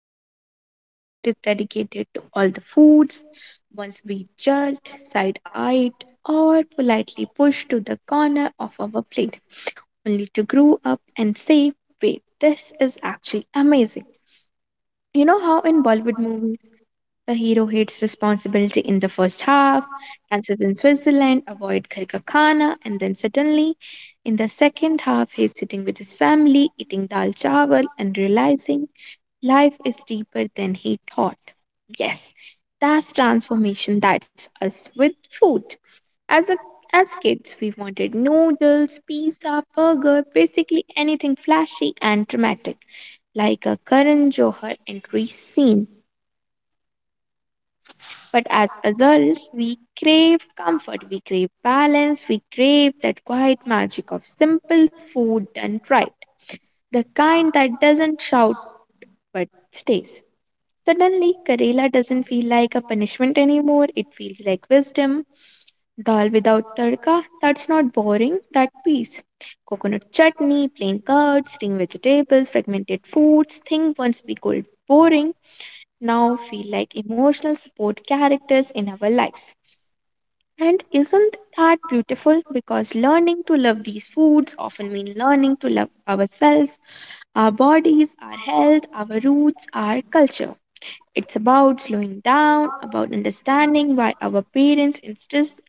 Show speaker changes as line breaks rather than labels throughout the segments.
podcast. Today's episode is dedicated to all the foods once we judged, side eyed, or politely pushed to the corner of our plate, only to grow up and say, wait, this is actually amazing. You know how in Bollywood movies, the hero hates responsibility in the first half, dances in Switzerland, avoid Khar ka khana, and then suddenly, in the second half, he's sitting with his family, eating dal chawal, and realizing life is deeper than he thought. Yes, that's transformation. That's us with food. As a as kids, we wanted noodles, pizza, burger, basically anything flashy and dramatic, like a Karan Johar entry scene. But as adults, we crave comfort, we crave balance, we crave that quiet magic of simple food done right, the kind that doesn't shout but stays. Suddenly, Karela doesn't feel like a punishment anymore, it feels like wisdom. Dal without tadka, that's not boring, that peace. Coconut chutney, plain curd, string vegetables, fragmented foods, things once we called boring, now feel like emotional support characters in our lives. And isn't that beautiful? Because learning to love these foods often mean learning to love ourselves, our bodies, our health, our roots, our culture. It's about slowing down, about understanding why our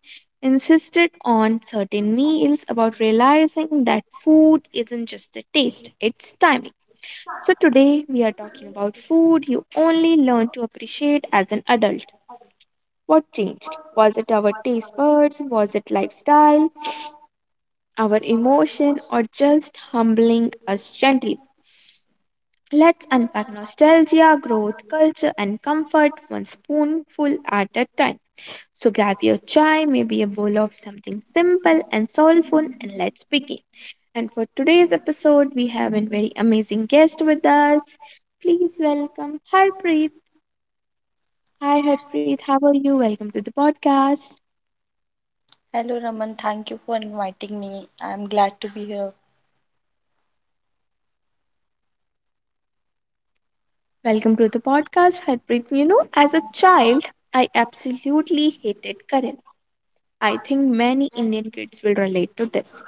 insisted on certain meals, about realizing that food isn't just the taste, it's timing. So, today we are talking about food you only learn to appreciate as an adult. What changed? Was it our taste buds? Was it lifestyle, our emotion, or just humbling us gently? Let's unpack nostalgia, growth, culture, and comfort one spoonful at a time. So grab your chai, maybe a bowl of something simple and soulful, and let's begin. And for today's episode, we have a very amazing guest with us. Please welcome Harpreet. Hi, Harpreet. How are you? Welcome to the podcast.
Hello Raman, thank you for inviting me. I'm glad to be here.
Welcome to the podcast, Harpreet. You know, as a child, I absolutely hated curry. I think many Indian kids will relate to this.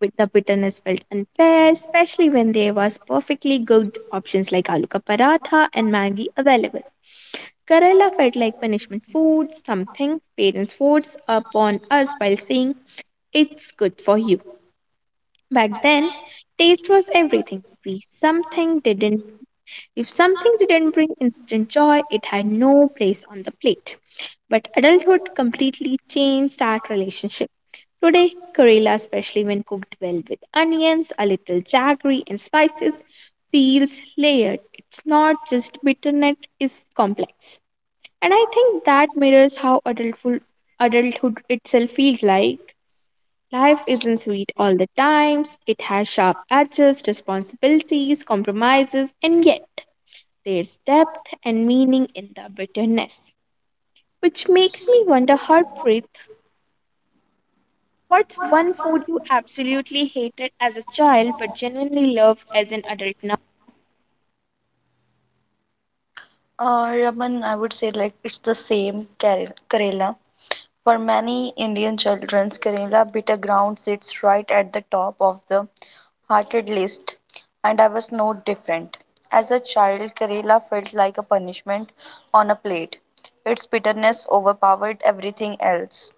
With the bitterness felt unfair, especially when there was perfectly good options like aloo ka paratha and Maggi available. Kerala felt like punishment food, something parents forced upon us while saying it's good for you. Back then, taste was everything. We something didn't If something didn't bring instant joy, it had no place on the plate. But adulthood completely changed that relationship. Today, Kerala, especially when cooked well with onions, a little jaggery, and spices, feels layered. It's not just bitterness, it's complex. And I think that mirrors how adulthood itself feels like. Life isn't sweet all the times, it has sharp edges, responsibilities, compromises, and yet there's depth and meaning in the bitterness. Which makes me wonder, Harpreet, what's one food you absolutely hated as a child but genuinely love as an adult now?
Raman, I would say like it's the same Kerala. Kerala. For many Indian children, Kerala bitter ground sits right at the top of the hearted list, and I was no different. As a child, Kerala felt like a punishment on a plate. Its bitterness overpowered everything else,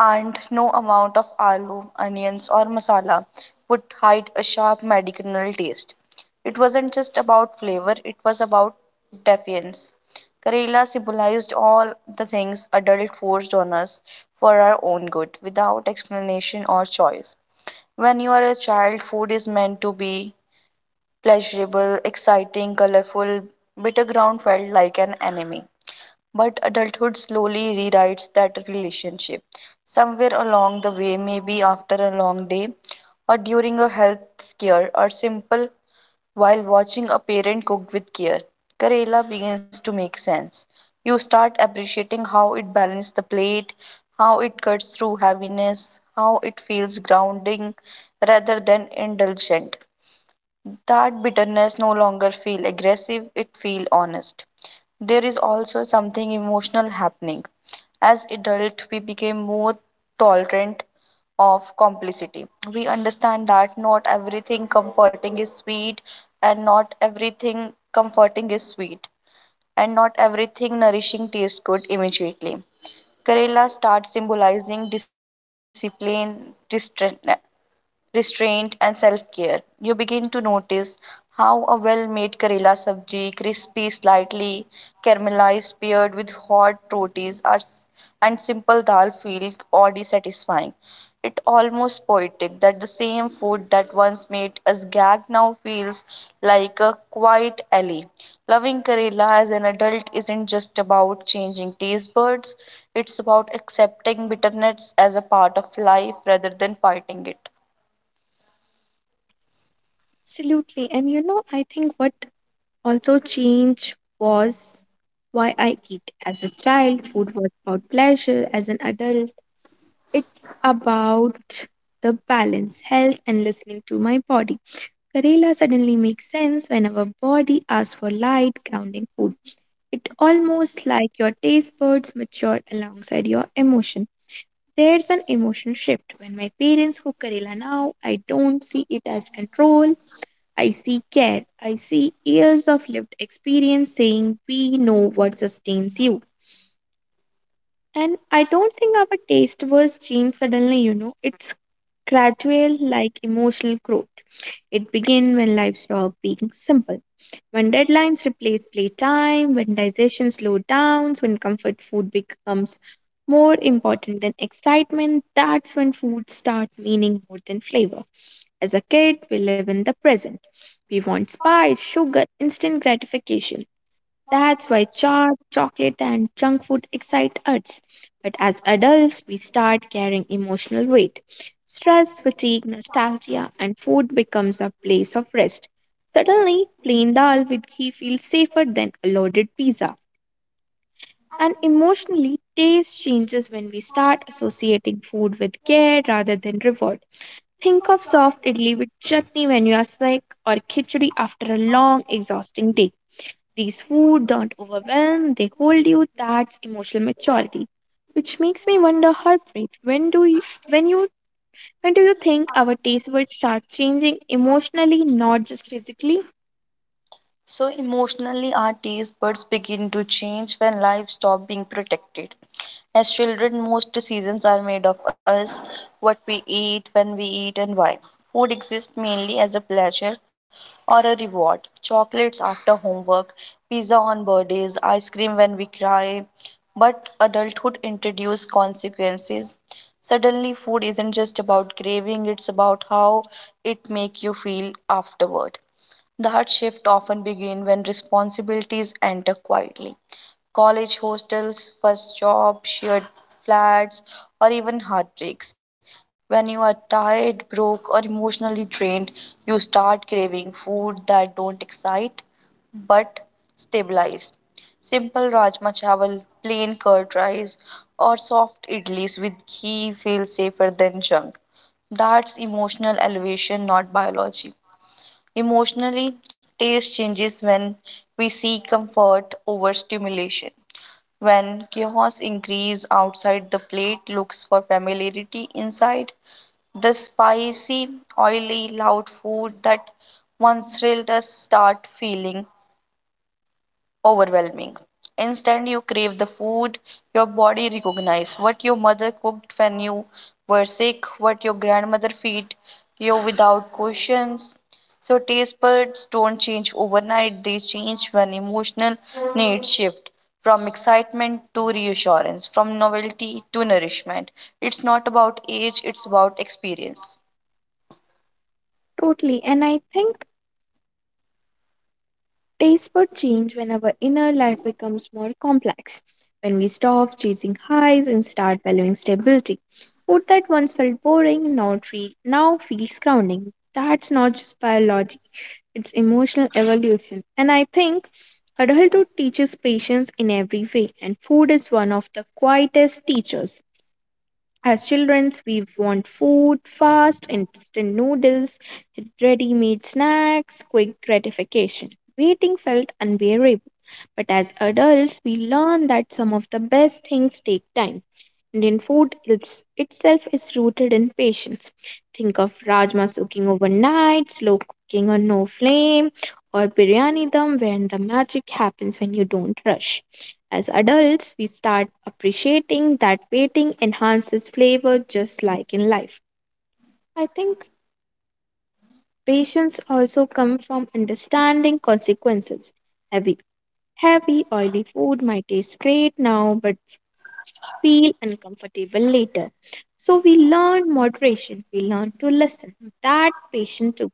and no amount of aloo, onions, or masala would hide a sharp medicinal taste. It wasn't just about flavor, it was about defiance. Karela symbolized all the things adult forced on us for our own good, without explanation or choice. When you are a child, food is meant to be pleasurable, exciting, colorful. Bitter ground felt like an enemy. But adulthood slowly rewrites that relationship. Somewhere along the way, maybe after a long day, or during a health scare, or simple while watching a parent cook with care, Karela begins to make sense. You start appreciating how it balances the plate, how it cuts through heaviness, how it feels grounding rather than indulgent. That bitterness no longer feel aggressive, it feel honest. There is also something emotional happening. As adult, we became more tolerant of complicity. We understand that not everything comforting is sweet and not everything comforting is sweet and not everything nourishing tastes good immediately. Kerala starts symbolizing discipline, restraint, and self care. You begin to notice how a well made Kerala sabji, crispy, slightly caramelized, paired with hot rotis are, and simple dal feel oddly satisfying. It almost poetic that the same food that once made us gag now feels like a quiet alley. Loving Kerala as an adult isn't just about changing taste buds, it's about accepting bitterness as a part of life rather than fighting it.
Absolutely. And you know, I think what also, change was why I eat. As a child, food was about pleasure. As an adult, it's about the balance, health, and listening to my body. Karela suddenly makes sense when our body asks for light, grounding food. It almost like your taste buds matured alongside your emotion. There's an emotional shift. When my parents cook Karela now, I don't see it as control. I see care. I see years of lived experience saying we know what sustains you. And I don't think our taste was changed suddenly, you know. It's gradual like emotional growth. It begins when life stops being simple. When deadlines replace playtime, when digestion slows down, when comfort food becomes more important than excitement, that's when food start meaning more than flavor. As a kid, we live in the present. We want spice, sugar, instant gratification. That's why chaat, chocolate, and junk food excite us. But as adults, we start carrying emotional weight. Stress, fatigue, nostalgia, and food becomes a place of rest. Suddenly, plain dal with ghee feels safer than a loaded pizza. And emotionally, taste changes when we start associating food with care rather than reward. Think of soft idli with chutney when you are sick or khichdi after a long, exhausting day. These food don't overwhelm, they hold you. That's emotional maturity. Which makes me wonder, Harpreet, when you when do you think our taste will start changing emotionally, not just physically?
So emotionally, our taste buds begin to change when life stops being protected. As children, most seasons are made of us, what we eat, when we eat, and why. Food exists mainly as a pleasure or a reward. Chocolates after homework, pizza on birthdays, ice cream when we cry. But adulthood introduces consequences. Suddenly, food isn't just about craving, it's about how it makes you feel afterward. That shift often begins when responsibilities enter quietly. College hostels, first job, shared flats, or even heartbreaks. When you are tired, broke, or emotionally drained, you start craving food that don't excite but stabilize. Simple rajma chawal, plain curd rice, or soft idlis with ghee feel safer than junk. That's emotional elevation, not biology. Emotionally, taste changes when we seek comfort over stimulation. When chaos increase outside the plate looks for familiarity inside, the spicy, oily, loud food that once thrilled us start feeling overwhelming. Instead, you crave the food your body recognizes, what your mother cooked when you were sick, what your grandmother fed you without questions. So, taste buds don't change overnight, they change when emotional needs shift from excitement to reassurance, from novelty to nourishment. It's not about age, it's about experience.
Totally. And I think taste bud change when our inner life becomes more complex, when we stop chasing highs and start valuing stability. Food that once felt boring now feels grounding. That's not just biology, it's emotional evolution. And I think adulthood teaches patience in every way, and food is one of the quietest teachers. As children, we want food, fast, instant noodles, ready made snacks, quick gratification. Waiting felt unbearable. But as adults, we learn that some of the best things take time. Indian itself is rooted in patience. Think of rajma soaking overnight, slow cooking on no flame, or biryani dum when the magic happens when you don't rush. As adults, we start appreciating that waiting enhances flavor just like in life. I think patience also comes from understanding consequences. Heavy, heavy, oily food might taste great now, but feel uncomfortable later. So we learn moderation, we learn to listen. That patient to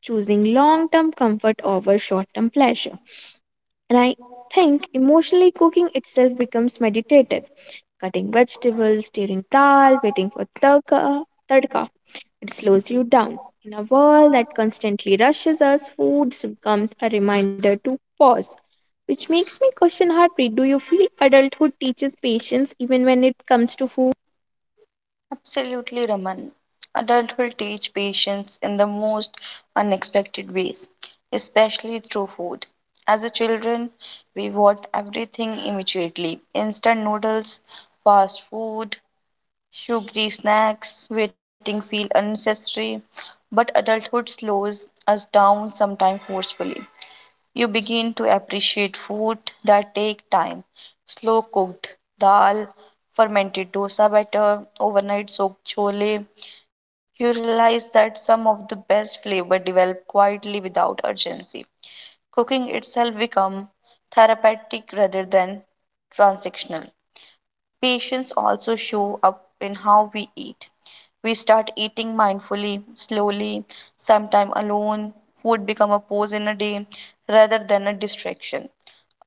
choosing long term comfort over short term pleasure. And I think emotionally cooking itself becomes meditative. Cutting vegetables, stirring dal, tadka. It slows you down. In a world that constantly rushes us, food becomes a reminder to pause. Which makes me question heartbreak. Do you feel adulthood teaches patience even when it comes to food?
Absolutely, Raman. Adult will teach patience in the most unexpected ways, especially through food. As a children, we want everything immediately. Instant noodles, fast food, sugary snacks, waiting feel unnecessary. But adulthood slows us down sometimes forcefully. You begin to appreciate food that take time. Slow cooked dal, fermented dosa batter, overnight soaked chole. You realize that some of the best flavor develop quietly without urgency. Cooking itself become therapeutic rather than transactional. Patience also show up in how we eat. We start eating mindfully, slowly, sometime alone. Food become a pause in a day rather than a distraction.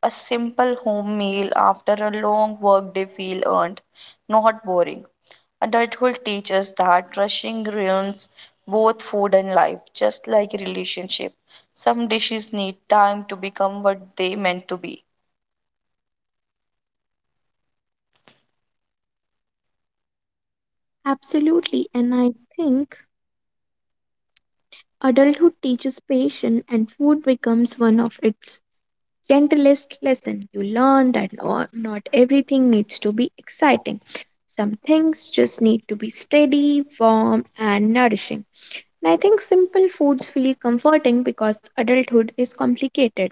A simple home meal after a long work day feel earned, not boring. Adulthood teaches that rushing ruins both food and life, just like relationship. Some dishes need time to become what they meant to be.
Absolutely, and I think adulthood teaches patience, and food becomes one of its gentlest lessons. You learn that not everything needs to be exciting. Some things just need to be steady, warm, and nourishing. And I think simple foods feel comforting because adulthood is complicated.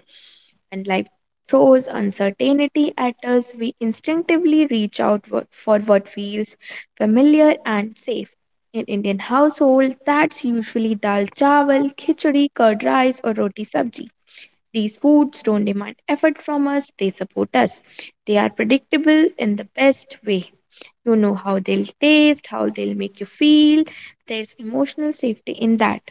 When life throws uncertainty at us, we instinctively reach out for what feels familiar and safe. In Indian household, that's usually dal chawal, khichdi, curd rice, or roti sabji. These foods don't demand effort from us, they support us. They are predictable in the best way. You know how they'll taste, how they'll make you feel. There's emotional safety in that.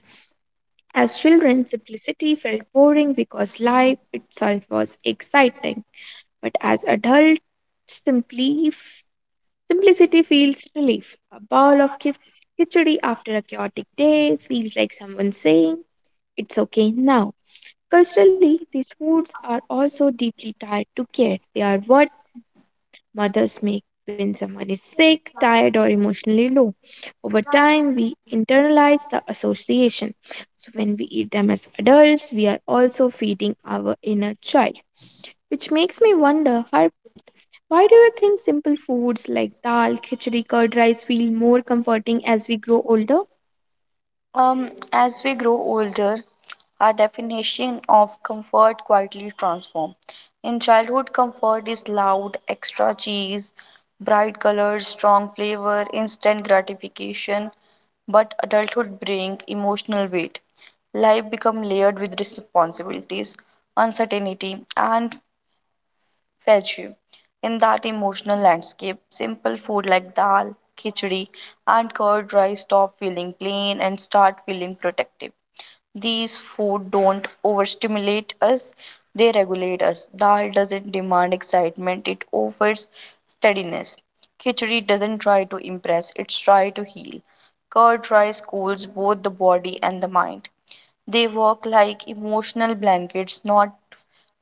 As children, simplicity felt boring because life itself was exciting. But as adults, simply simplicity feels relief. A bowl of khichdi after a chaotic day feels like someone saying, "It's okay now." Culturally, these foods are also deeply tied to care. They are what mothers make when someone is sick, tired, or emotionally low. Over time, we internalize the association. So, when we eat them as adults, we are also feeding our inner child. Which makes me wonder, Harpreet, why do you think simple foods like dal, khichdi, curd rice feel more comforting as we grow older?
As we grow older, our definition of comfort quietly transforms. In childhood, comfort is loud, extra cheese, bright colors, strong flavor, instant gratification. But adulthood brings emotional weight. Life becomes layered with responsibilities, uncertainty, and fetch you. In that emotional landscape, simple food like dal, khichdi, and curd rice stop feeling plain and start feeling protective. These food don't overstimulate us, they regulate us. Dal doesn't demand excitement, it offers steadiness. Khichdi doesn't try to impress, it's try to heal. Curd rice cools both the body and the mind. They work like emotional blankets, not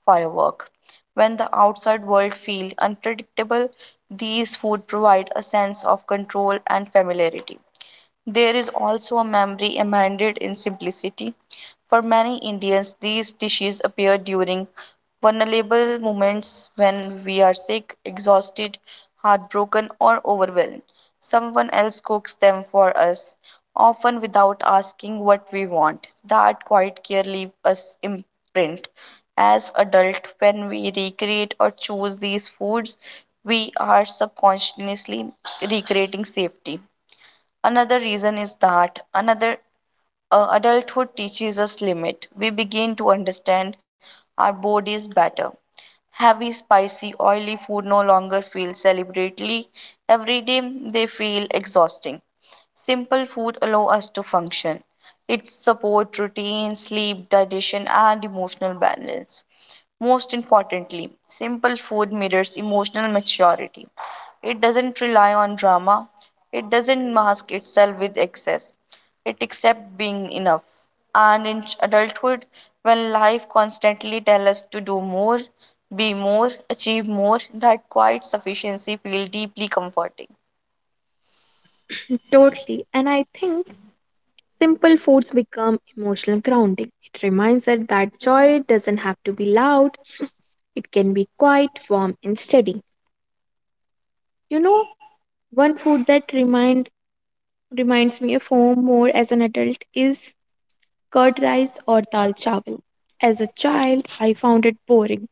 firework. When the outside world feels unpredictable, these food provide a sense of control and familiarity. There is also a memory embedded in simplicity. For many Indians, these dishes appear during vulnerable moments when we are sick, exhausted, heartbroken, or overwhelmed. Someone else cooks them for us, often without asking what we want. That quiet care leaves us imprint. As adult, when we recreate or choose these foods, we are subconsciously recreating safety. Another reason is that another adulthood teaches us limit. We begin to understand our bodies better. Heavy, spicy, oily food no longer feel celebratory. Every day they feel exhausting. Simple food allow us to function. It support routine, sleep, digestion and emotional balance. Most importantly, simple food mirrors emotional maturity. It doesn't rely on drama, it doesn't mask itself with excess, it accepts being enough. And in adulthood, when life constantly tells us to do more, be more, achieve more, that quiet sufficiency feels deeply comforting.
Totally. And I think simple foods become emotional grounding. It reminds us that joy doesn't have to be loud, it can be quiet, warm, and steady. You know, one food that reminds me of home more as an adult is curd rice or dal chawal. As a child, I found it boring.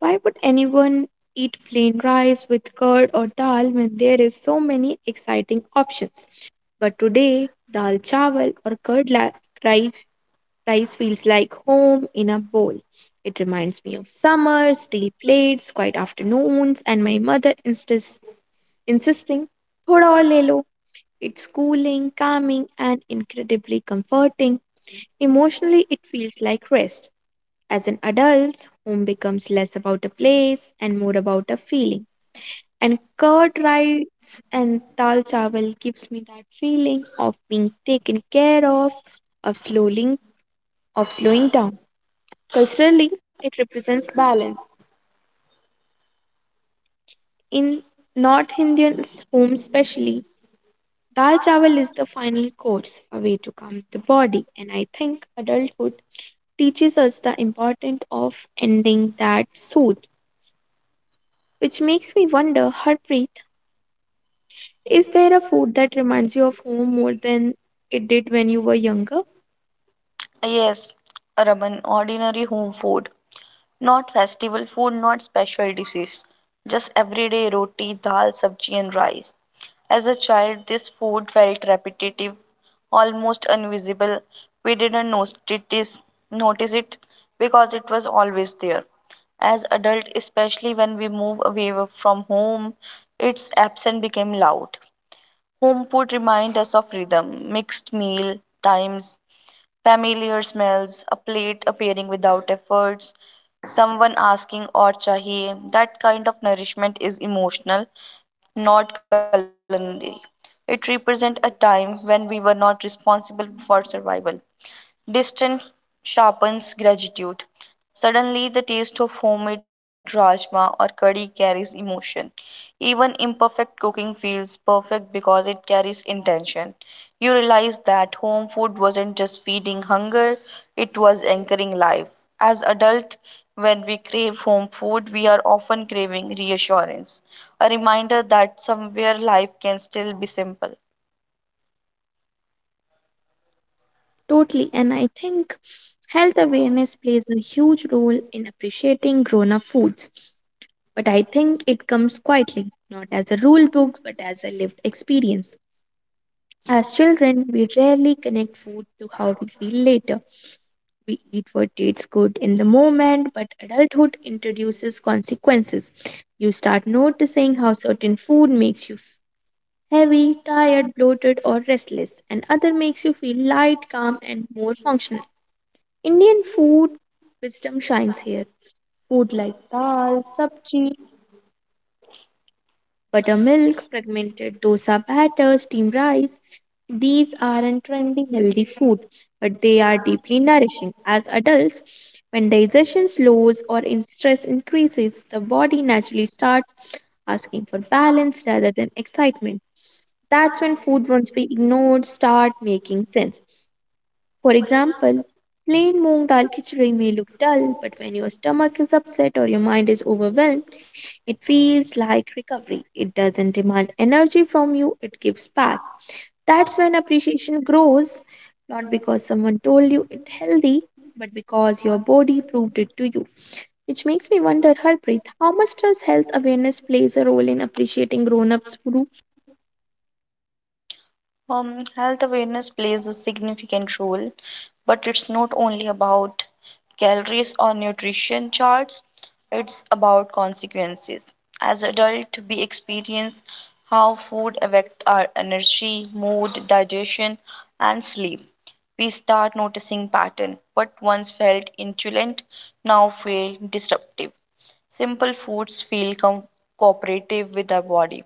Why would anyone eat plain rice with curd or dal when there is so many exciting options? But today, dal chawal or curd rice rice feels like home in a bowl. It reminds me of summer, steel plates, quiet afternoons, and my insisting, thoda aur le lo. It's cooling, calming, and incredibly comforting. Emotionally, it feels like rest. As an adult, home becomes less about a place and more about a feeling. And curd rice and dal chawal gives me that feeling of being taken care of, of slowing, of slowing down. Culturally, it represents balance. In North Indian's home, especially, dal chawal is the final course, a way to calm the body, and I think adulthood teaches us the importance of ending that soothe, which makes me wonder, Harpreet, is there a food that reminds you of home more than it did when you were younger?
Yes, Raman, ordinary home food. Not festival food, not special dishes, just everyday roti, dal, sabji, and rice. As a child, this food felt repetitive, almost invisible. We didn't notice it because it was always there. As adult, especially when we move away from home, its absence became loud. Home food reminds us of rhythm, mixed meal times, familiar smells, a plate appearing without efforts, someone asking or chahiye. That kind of nourishment is emotional, not culinary. It represents a time when we were not responsible for survival. Distance sharpens gratitude. Suddenly, the taste of homemade rajma or curry carries emotion. Even imperfect cooking feels perfect because it carries intention. You realize that home food wasn't just feeding hunger, it was anchoring life. As adults, when we crave home food, we are often craving reassurance, a reminder that somewhere life can still be simple.
Totally, and I think health awareness plays a huge role in appreciating grown up foods. But I think it comes quietly, not as a rule book, but as a lived experience. As children, we rarely connect food to how we feel later. We eat what tastes good in the moment, but adulthood introduces consequences. You start noticing how certain food makes you heavy, tired, bloated, or restless, and other makes you feel light, calm, and more functional. Indian food wisdom shines here. Food like dal, sabji, buttermilk, fragmented dosa batter, steamed rice. These aren't trendy healthy food, but they are deeply nourishing. As adults, when digestion slows or in stress increases, the body naturally starts asking for balance rather than excitement. That's when food once we ignored start making sense. For example, plain moong dal khichdi may look dull, but when your stomach is upset or your mind is overwhelmed, it feels like recovery. It doesn't demand energy from you, it gives back. That's when appreciation grows, not because someone told you it's healthy, but because your body proved it to you. Which makes me wonder, Harpreet, how much does health awareness plays a role in appreciating grown-ups' food?
Health awareness plays a significant role, but it's not only about calories or nutrition charts, it's about consequences. As adults, we experience how food affects our energy, mood, digestion, and sleep. We start noticing pattern. What once felt intuitive now feel disruptive. Simple foods feel cooperative with our body.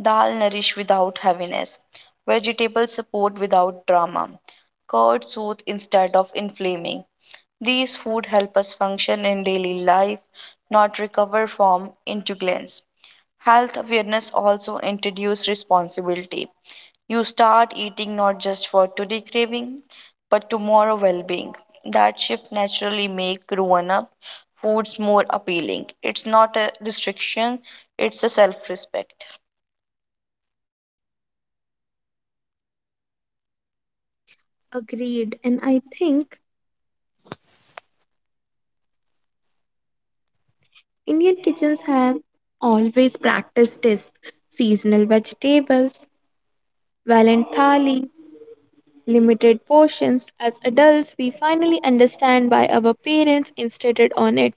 Dal nourish without heaviness. Vegetables support without drama. Curds soothe instead of inflaming. These food help us function in daily life, not recover from intolerance. Health awareness also introduces responsibility. You start eating not just for today craving, but tomorrow well-being. That shift naturally make grown-up foods more appealing. It's not a restriction, it's a self-respect.
Agreed, and I think Indian kitchens have always practiced this. Seasonal vegetables, valent thali, limited portions. As adults, we finally understand why our parents insisted on it.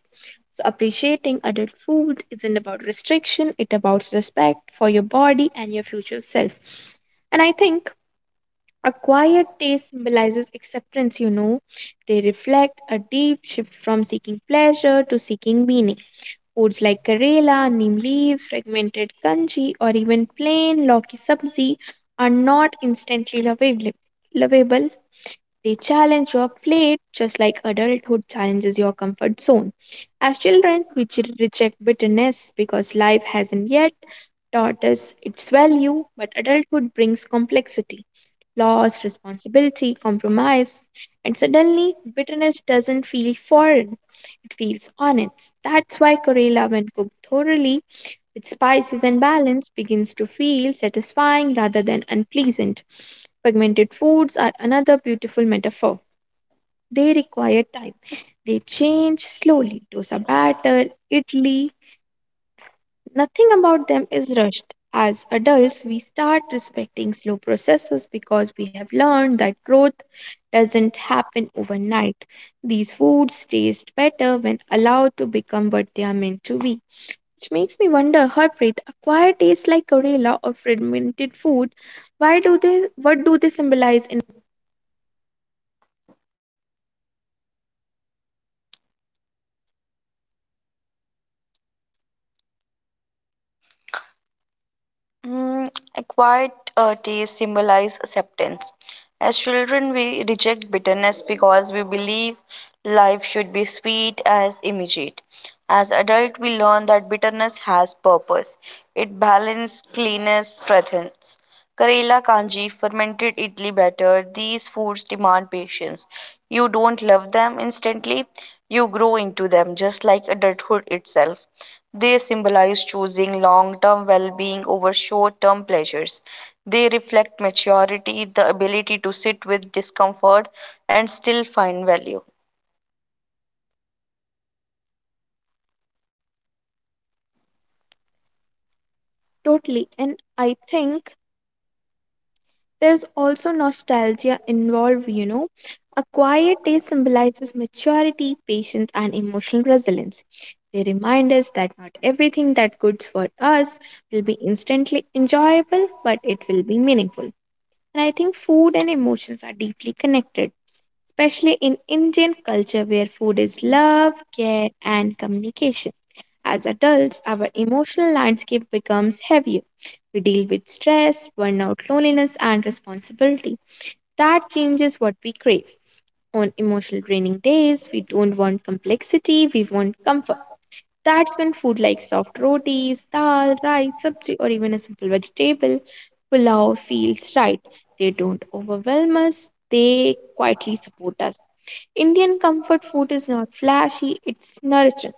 So appreciating adult food isn't about restriction, it's about respect for your body and your future self. And I think acquired taste symbolizes acceptance, They reflect a deep shift from seeking pleasure to seeking meaning. Foods like Karela, neem leaves, fragmented kanji, or even plain Loki sabzi are not instantly lovable. They challenge your plate just like adulthood challenges your comfort zone. As children, reject bitterness because life hasn't yet taught us its value, but adulthood brings complexity loss, responsibility, compromise, and suddenly bitterness doesn't feel foreign, it feels honest. That's why Corella, when cooked thoroughly with spices and balance, begins to feel satisfying rather than unpleasant. Pigmented foods are another beautiful metaphor. They require time. They change slowly. Dosa batter, idli, nothing about them is rushed. As adults, we start respecting slow processes because we have learned that growth doesn't happen overnight. These foods taste better when allowed to become what they are meant to be. Which makes me wonder, Harpreet, acquired tastes like Karela or fermented food, why do they what do they symbolize in
Mm, a quiet taste symbolize acceptance. As children, we reject bitterness because we believe life should be sweet as immediate. As adult, we learn that bitterness has purpose. It balances, cleanses, strengthens. Karela kanji, fermented idli batter, these foods demand patience. You don't love them instantly, you grow into them, just like adulthood itself. They symbolize choosing long term well being over short term pleasures. They reflect maturity, the ability to sit with discomfort and still find value.
totally? And I think there's also nostalgia involved, A quiet taste symbolizes maturity, patience, and emotional resilience. They remind us that not everything that good's for us will be instantly enjoyable, but it will be meaningful. And I think food and emotions are deeply connected, especially in Indian culture where food is love, care, and communication. As adults, our emotional landscape becomes heavier. We deal with stress, burnout, loneliness, and responsibility. That changes what we crave. On emotional draining days, we don't want complexity, we want comfort. That's when food like soft rotis, dal, rice, sabji, or even a simple vegetable pulao feels right. They don't overwhelm us, they quietly support us. Indian comfort food is not flashy, it's nourishing.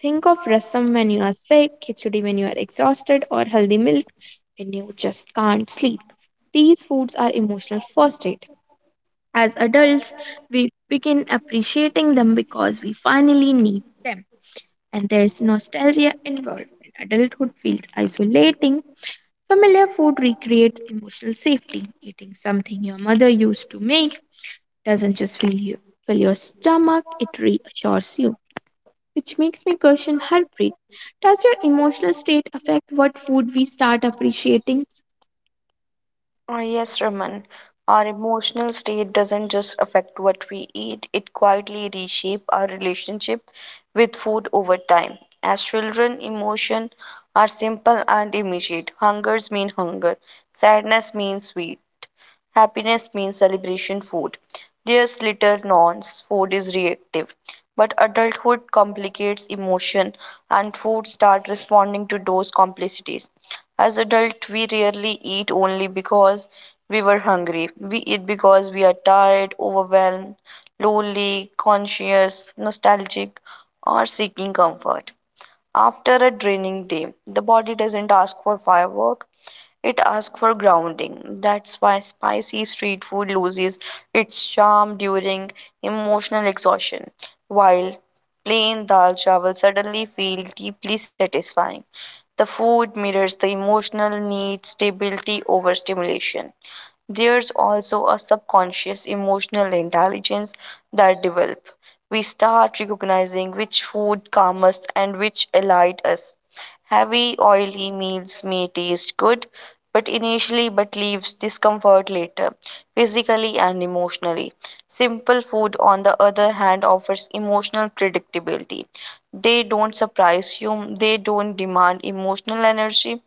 Think of rasam when you are sick, khichdi when you are exhausted, or healthy milk when you just can't sleep. These foods are emotional first aid. As adults, we begin appreciating them because we finally need them. And there's nostalgia involved. When adulthood feels isolating, familiar food recreates emotional safety. Eating something your mother used to make doesn't just fill your stomach, it reassures you. Which makes me question heartbreak. Does your emotional state affect what food we start appreciating?
Oh, yes, Raman. Our emotional state doesn't just affect what we eat, it quietly reshapes our relationship with food over time. As children, emotions are simple and immediate. Hungers mean hunger, sadness means sweet, happiness means celebration food. There's little nuance, food is reactive. But adulthood complicates emotion and food start responding to those complicities. As adults, we rarely eat only because we were hungry. We eat because we are tired, overwhelmed, lonely, conscious, nostalgic, or seeking comfort. After a draining day, the body doesn't ask for firework, it asks for grounding. That's why spicy street food loses its charm during emotional exhaustion, while plain dal chawal suddenly feel deeply satisfying. The food mirrors the emotional need, stability over stimulation. There's also a subconscious emotional intelligence that develops. We start recognizing which food calms us and which alight us. Heavy, oily meals may taste good, but initially but leaves discomfort later, physically and emotionally. Simple food, on the other hand, offers emotional predictability. They don't surprise you, they don't demand emotional energy,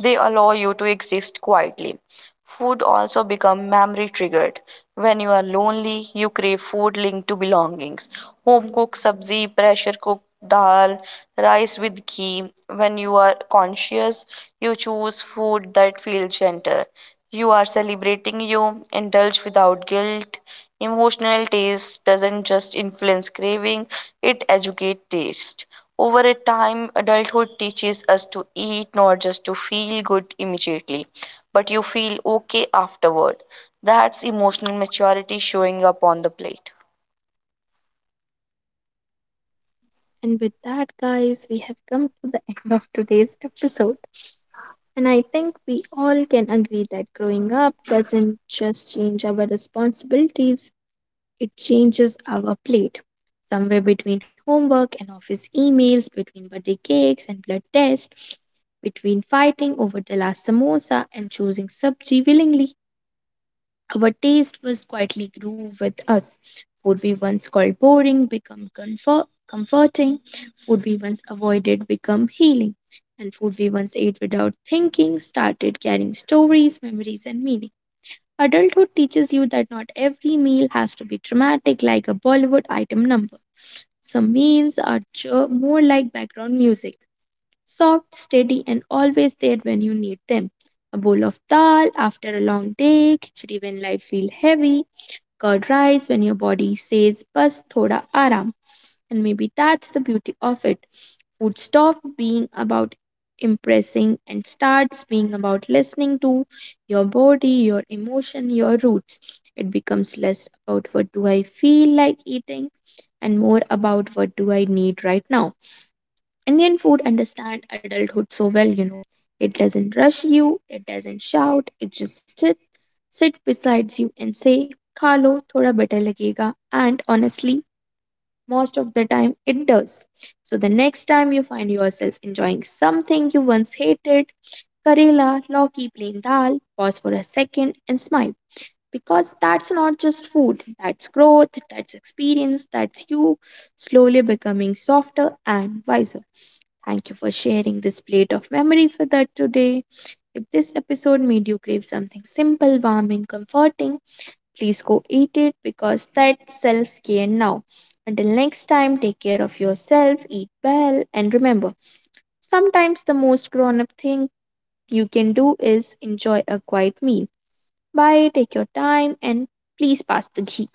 they allow you to exist quietly. Food also become memory triggered. When you are lonely, you crave food linked to belongings. Home cooked sabzi, pressure cooked dal, rice with ghee. When you are conscious, you choose food that feels gentle. You are celebrating you, indulge without guilt. Emotional taste doesn't just influence craving, it educates taste. Over a time, adulthood teaches us to eat not just to feel good immediately, but you feel okay afterward. That's emotional maturity showing up on the plate.
And with that, guys, we have come to the end of today's episode. And I think we all can agree that growing up doesn't just change our responsibilities, it changes our plate. Somewhere between homework and office emails, between birthday cakes and blood tests, between fighting over the last samosa and choosing sabji willingly, our taste was quietly grew with us. Food we once called boring become comforting. Food we once avoided become healing. And food we once ate without thinking started carrying stories, memories, and meaning. Adulthood teaches you that not every meal has to be dramatic like a Bollywood item number. Some meals are more like background music soft, steady, and always there when you need them. A bowl of dal after a long day, khichdi when life feels heavy, curd rice when your body says bus thoda aram. And maybe that's the beauty of it. Food stop being about impressing and starts being about listening to your body, your emotion, your roots. It becomes less about what do I feel like eating and more about what do I need right now. Indian food understand adulthood so well, It doesn't rush you, it doesn't shout, sit beside you and say, khalo, thoda better lagega. And honestly, most of the time it does. So the next time you find yourself enjoying something you once hated, karela, loki, plain dal, pause for a second and smile. Because that's not just food, that's growth, that's experience, that's you slowly becoming softer and wiser. Thank you for sharing this plate of memories with us today. If this episode made you crave something simple, warming, comforting, please go eat it because that's self care now. Until next time, take care of yourself, eat well, and remember sometimes the most grown up thing you can do is enjoy a quiet meal. Bye, take your time, and please pass the ghee.